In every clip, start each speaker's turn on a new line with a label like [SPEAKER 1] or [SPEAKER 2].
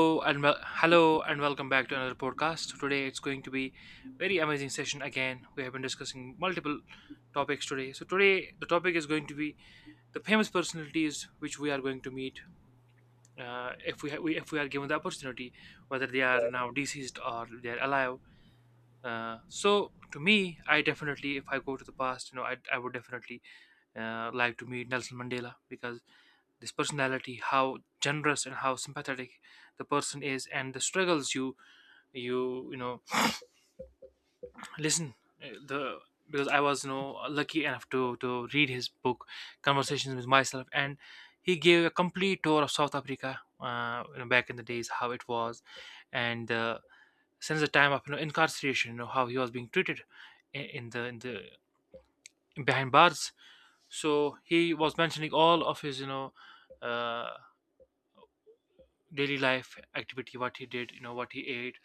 [SPEAKER 1] Hello and welcome back to another podcast. So today it's going to be very amazing session again. We have been discussing multiple topics today. So today the topic is going to be the famous personalities which we are going to meet, if we, ha- we if we are given the opportunity, whether they are now deceased or they are alive. So to me, I definitely, if I go to the past, I would definitely like to meet Nelson Mandela because this personality, how generous and how sympathetic the person is, and the struggles you you you know Listen, the because I was lucky enough to read his book, Conversations with Myself, and he gave a complete tour of South Africa, back in the days how it was, and since the time of incarceration, how he was being treated in the behind bars. So he was mentioning all of his uh, daily life activity, what he did, what he ate.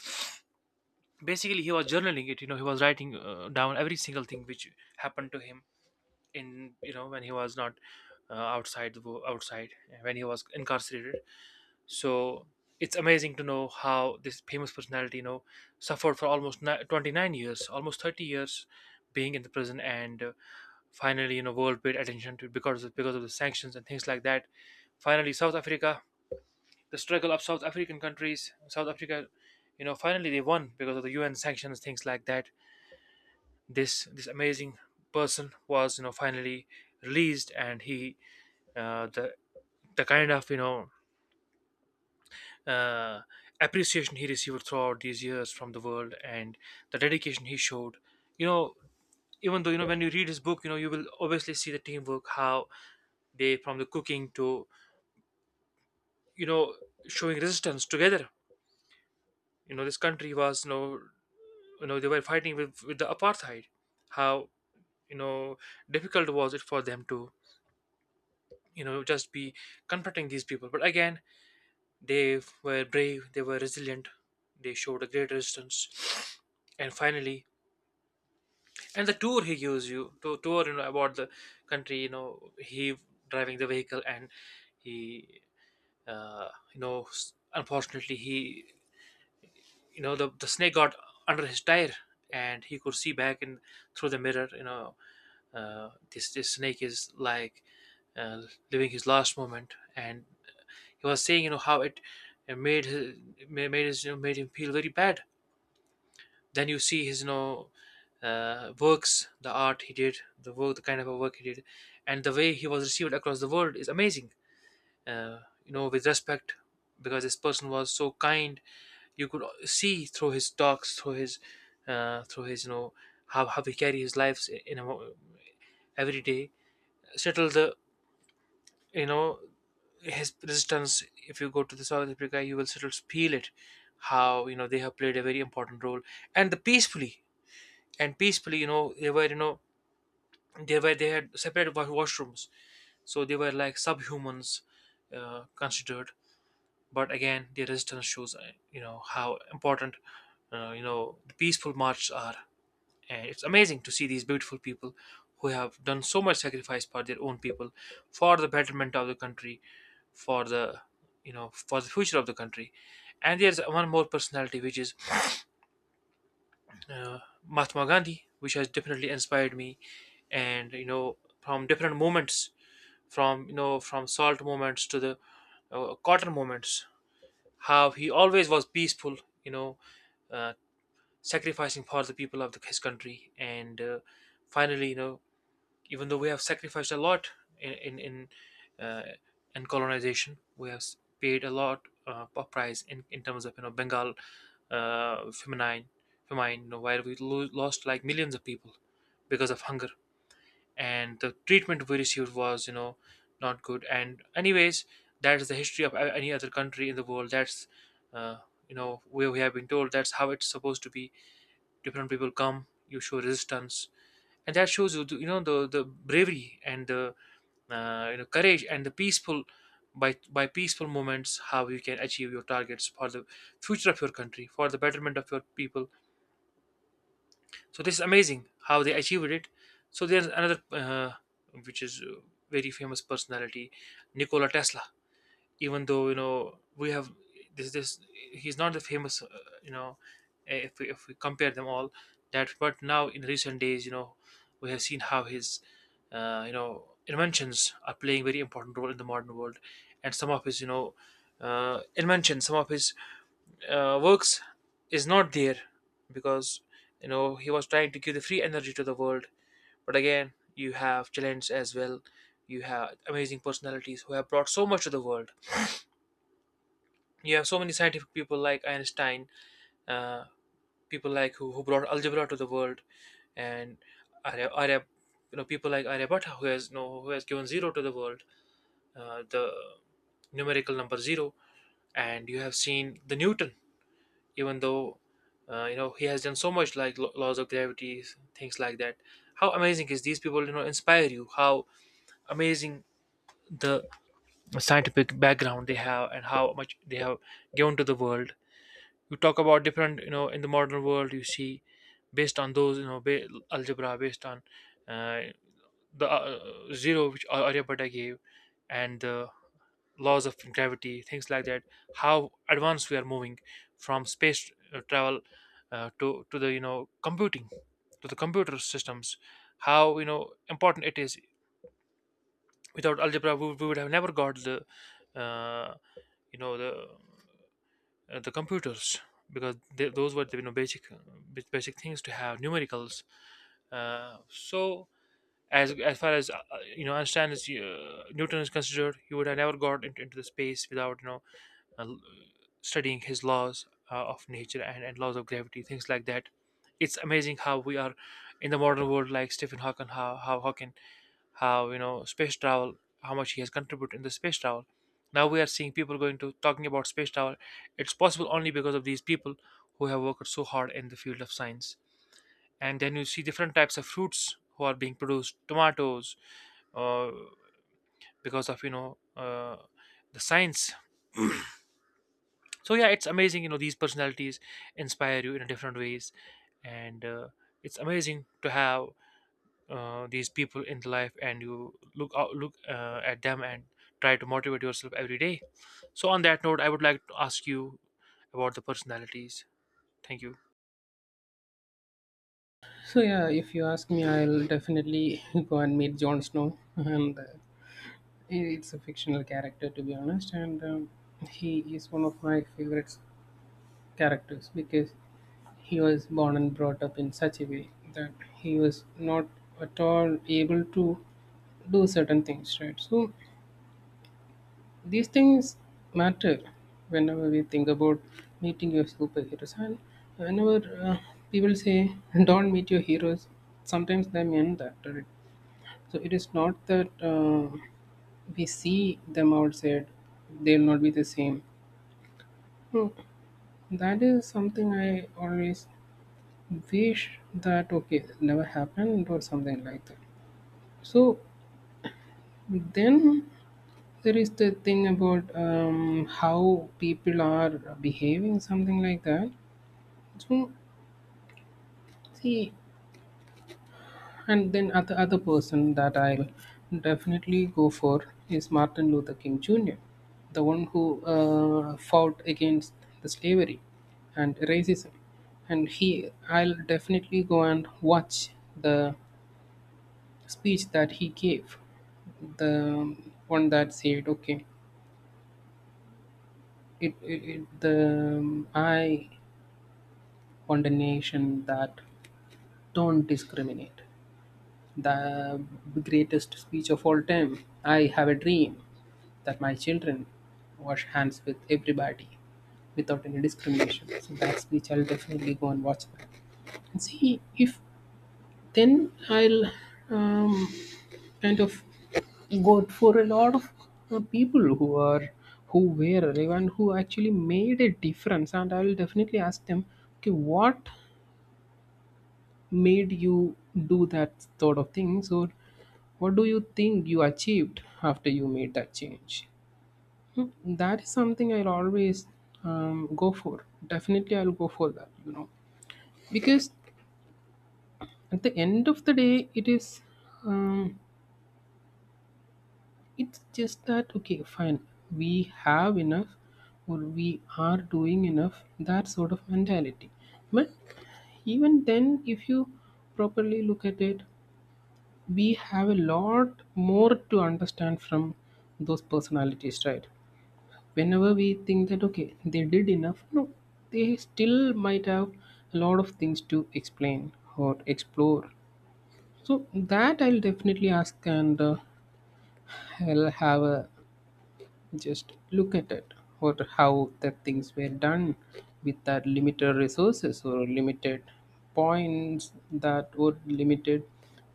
[SPEAKER 1] Basically he was journaling it. You know, he was writing down every single thing which happened to him, in when he was not outside, when he was incarcerated. So it's amazing to know how this famous personality suffered for 29 years, almost 30 years, being in the prison. And finally, world paid attention to it because of the sanctions and things like that. Finally South Africa, the struggle of South African countries, south africa finally they won because of the UN sanctions, things like that. This amazing person was finally released. And he uh, the the kind of uh, appreciation he received throughout these years from the world, and the dedication he showed, you know even though, when you read his book, you will obviously see the teamwork, how they, from the cooking to, you know showing resistance together. You know, this country was, you know, they were fighting with the apartheid. How, you know difficult was it for them to, just be confronting these people. But again, they were brave, they were resilient, they showed a great resistance, and finally. And the tour he gives you, to tour about the country, he driving the vehicle and he unfortunately he, the snake got under his tire, and he could see back in through the mirror. This snake is like uh, living his last moment, and he was saying how it, it made his made his, made him feel very bad. Then you see his, works, the art he did, the work, the kind of work he did, and the way he was received across the world is amazing, uh, with respect, because this person was so kind. You could see through his talks, through his, uh, through his you know how he carry his lives in, a, mo- every day, settle the, you know his resistance. If you go to the South Africa, you will still feel it, how, they have played a very important role. And the peacefully, and peacefully, they were, they were, they had separate washrooms. So they were like subhumans, considered. But again, the resistance shows, how important, the peaceful marches are. And it's amazing to see these beautiful people who have done so much sacrifice for their own people, for the betterment of the country, for the, for the future of the country. And there's one more personality, which is uh, Mahatma Gandhi, which has definitely inspired me. And you know, from different movements, from, from salt movements to the cotton movements, how he always was peaceful. You know, uh, sacrificing for the people of the, his country. And finally, you know, even though we have sacrificed a lot in in in, uh, in colonization, we have paid a lot of price, in terms of, you know, Bengal, feminine famine, you know, where we lost like millions of people because of hunger. And the treatment we received was, you know, not good. And anyways, that is the history of any other country in the world. That's uh, you know, where we have been told that's how it's supposed to be. Different people come, you show resistance, and that shows you the, you know, the bravery and the, you know, courage. And the peaceful, by peaceful moments, how you can achieve your targets for the future of your country, for the betterment of your people. So this is amazing how they achieved it. So there's another which is very famous personality, Nikola Tesla. Even though, you know, we have this, he's not the famous, you know if we compare them all. That But now in recent days, you know, we have seen how his you know, inventions are playing very important role in the modern world. And some of his, inventions, some of his works is not there, because, you know, he was trying to give the free energy to the world. But again, you have talents as well. You have amazing personalities who have brought so much to the world. You have so many scientific people like Einstein, uh, people like who brought algebra to the world, and Arya, Arya, you know, people like Aryabhatta, who has, you know, who has given zero to the world, the numerical number zero. And you have seen the Newton, even though, you know, he has done so much like laws of gravity, things like that. How amazing is these people, you know, inspire you? How amazing the scientific background they have, and how much they have given to the world. You talk about different, you know, in the modern world, you see, based on those, algebra, based on uh, the zero, which aryabhatta gave, and the laws of gravity, things like that, how advanced we are moving, from space travel, to the, you know, computing, to the computer systems. How, you know, important it is. Without algebra, we would have never got the, uh, you know the the computers, because they, those were the, you know, basic, basic things to have numericals. So as far as you know, Einstein is, Newton is considered, he would have never got into the space without, you know, uh, l- studying his laws of nature, and laws of gravity, things like that. It's amazing how we are in the modern world, like Stephen Hawking. How Hawking, how, you know, space travel, how much he has contributed in the space travel. Now we are seeing people going to, talking about space travel. It's possible only because of these people who have worked so hard in the field of science. And then you see different types of fruits who are being produced, tomatoes, uh, because of, the science. So yeah, it's amazing, you know, these personalities inspire you in different ways. And it's amazing to have these people in the life, and you look at them and try to motivate yourself every day. So on that note, I would like to ask you about the personalities. Thank you.
[SPEAKER 2] So yeah, if you ask me, I'll definitely go and meet Jon Snow, and it's a fictional character to be honest, and he is one of my favorite characters because he was born and brought up in such a way that he was not at all able to do certain things, right? So these things matter whenever we think about meeting your superheroes, and whenever people say don't meet your heroes, sometimes they mean that, right? So it is not that we see them outside, they'll not be the same. Hmm. That is something I always wish that okay, never happened or something like that. So then there is the thing about how people are behaving, something like that. So see, and then other person that I'll definitely go for is Martin Luther King Jr., the one who fought against the slavery and racism. And he, I'll definitely go and watch the speech that he gave, the one that said, "Okay, it the I want a nation that don't discriminate." The greatest speech of all time. I have a dream that my children wash hands with everybody without any discrimination. So that speech I'll definitely go and watch that. And see if then I'll um, kind of go for a lot of people who were relevant who actually made a difference, and I will definitely ask them, okay, what made you do that sort of things, or what do you think you achieved after you made that change? Hmm. That is something I'll always go for. Definitely, I'll go for that. You know, because at the end of the day, it is, um, it's just that okay, fine. We have enough, or we are doing enough. That sort of mentality. But even then, if you properly look at it, we have a lot more to understand from those personalities, right? Whenever we think that okay they did enough, no, they still might have a lot of things to explain or explore. So that I'll definitely ask, and I'll have a just look at it, or how the things were done with that limited resources or limited points that were limited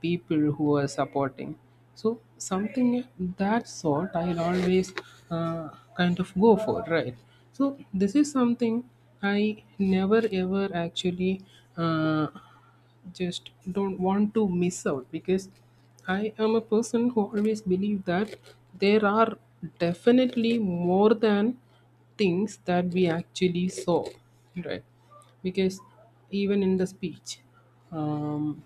[SPEAKER 2] people who were supporting. So something that sort I'll always uh, kind of go for, right? So this is something I never ever actually uh, just don't want to miss out, because I am a person who always believe that there are definitely more than things that we actually saw, right? Because even in the speech um,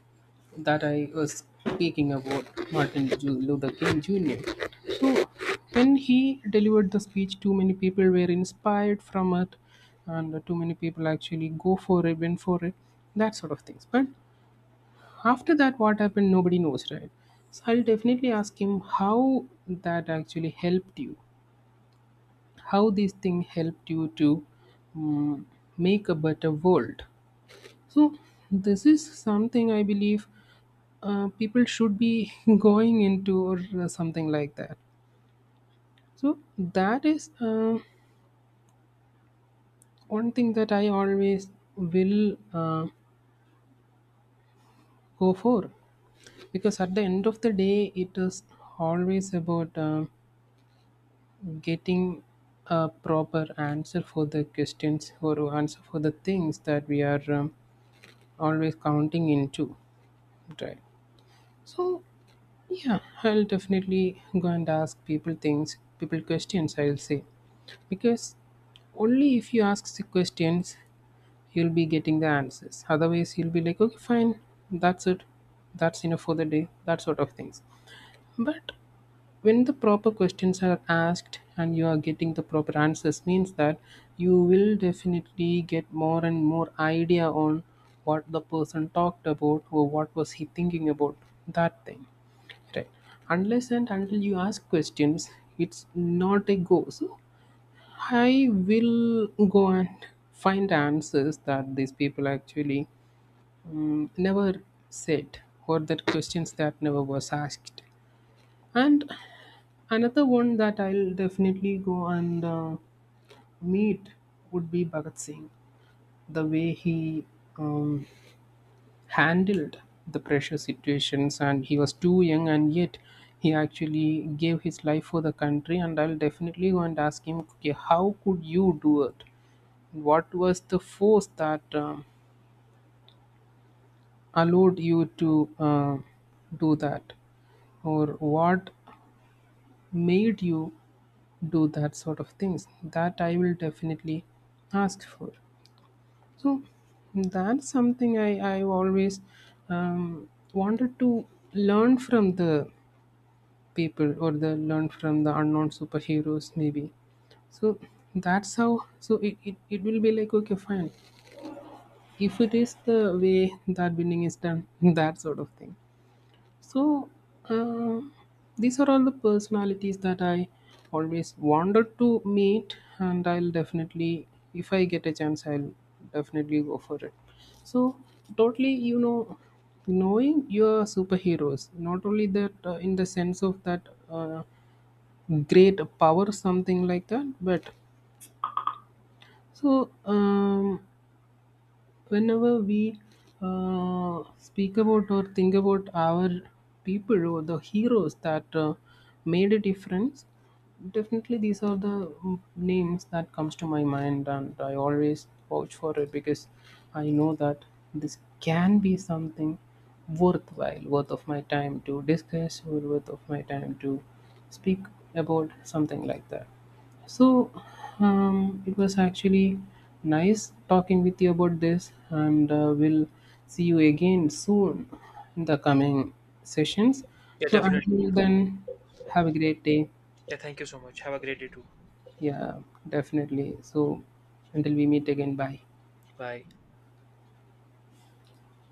[SPEAKER 2] that I was speaking about Martin Luther King Jr., so when he delivered the speech, too many people were inspired from it, and too many people actually went for it, that sort of things. But after that what happened nobody knows, right? So I'll definitely ask him how that actually helped you, how this thing helped you to, mm, make a better world. So this is something I believe people should be going into or something like that. So that is one thing that I always will go for, because at the end of the day it is always about getting a proper answer for the questions, or answer for the things that we are, always counting into, right? So yeah, I'll definitely go and ask people things, people questions, I'll say, because only if you ask the questions you'll be getting the answers. Otherwise you'll be like okay fine, that's it, that's enough for the day, that sort of things. But when the proper questions are asked and you are getting the proper answers, means that you will definitely get more and more idea on what the person talked about, or what was he thinking about that thing, right? Unless and until you ask questions, it's not a go. So I will go and find answers that these people actually, mm, never said, or that questions that never was asked. And another one that I'll definitely go and meet would be Bhagat Singh. The way he um, handled the pressure situations, and he was too young, and yet he actually gave his life for the country. And I'll definitely go and ask him, okay, how could you do it? What was the force that allowed you to do that, or what made you do that sort of things, that I will definitely ask for. So that's something I always wanted to learn from the people, or the learn from the unknown superheroes maybe. So that's how, so it will be like okay fine, if it is the way that winning is done, that sort of thing. So, uh, these are all the personalities that I always wanted to meet, and I'll definitely, if I get a chance, I'll definitely go for it. So, totally, you know, knowing your superheroes, not only that in the sense of that uh, great power, something like that, but so whenever we speak about or think about our people or the heroes that made a difference, definitely these are the, mm, names that comes to my mind, and I always vouch for it because I know that this can be something worthwhile, worth of my time to discuss or worth of my time to speak about, something like that. So, it was actually nice talking with you about this, and we'll see you again soon in the coming sessions.
[SPEAKER 1] Yeah,
[SPEAKER 2] So,
[SPEAKER 1] definitely.
[SPEAKER 2] until then, have a great day.
[SPEAKER 1] Yeah, thank you so much. Have a great day too.
[SPEAKER 2] Yeah, definitely. So, until we meet again, bye.
[SPEAKER 1] Bye.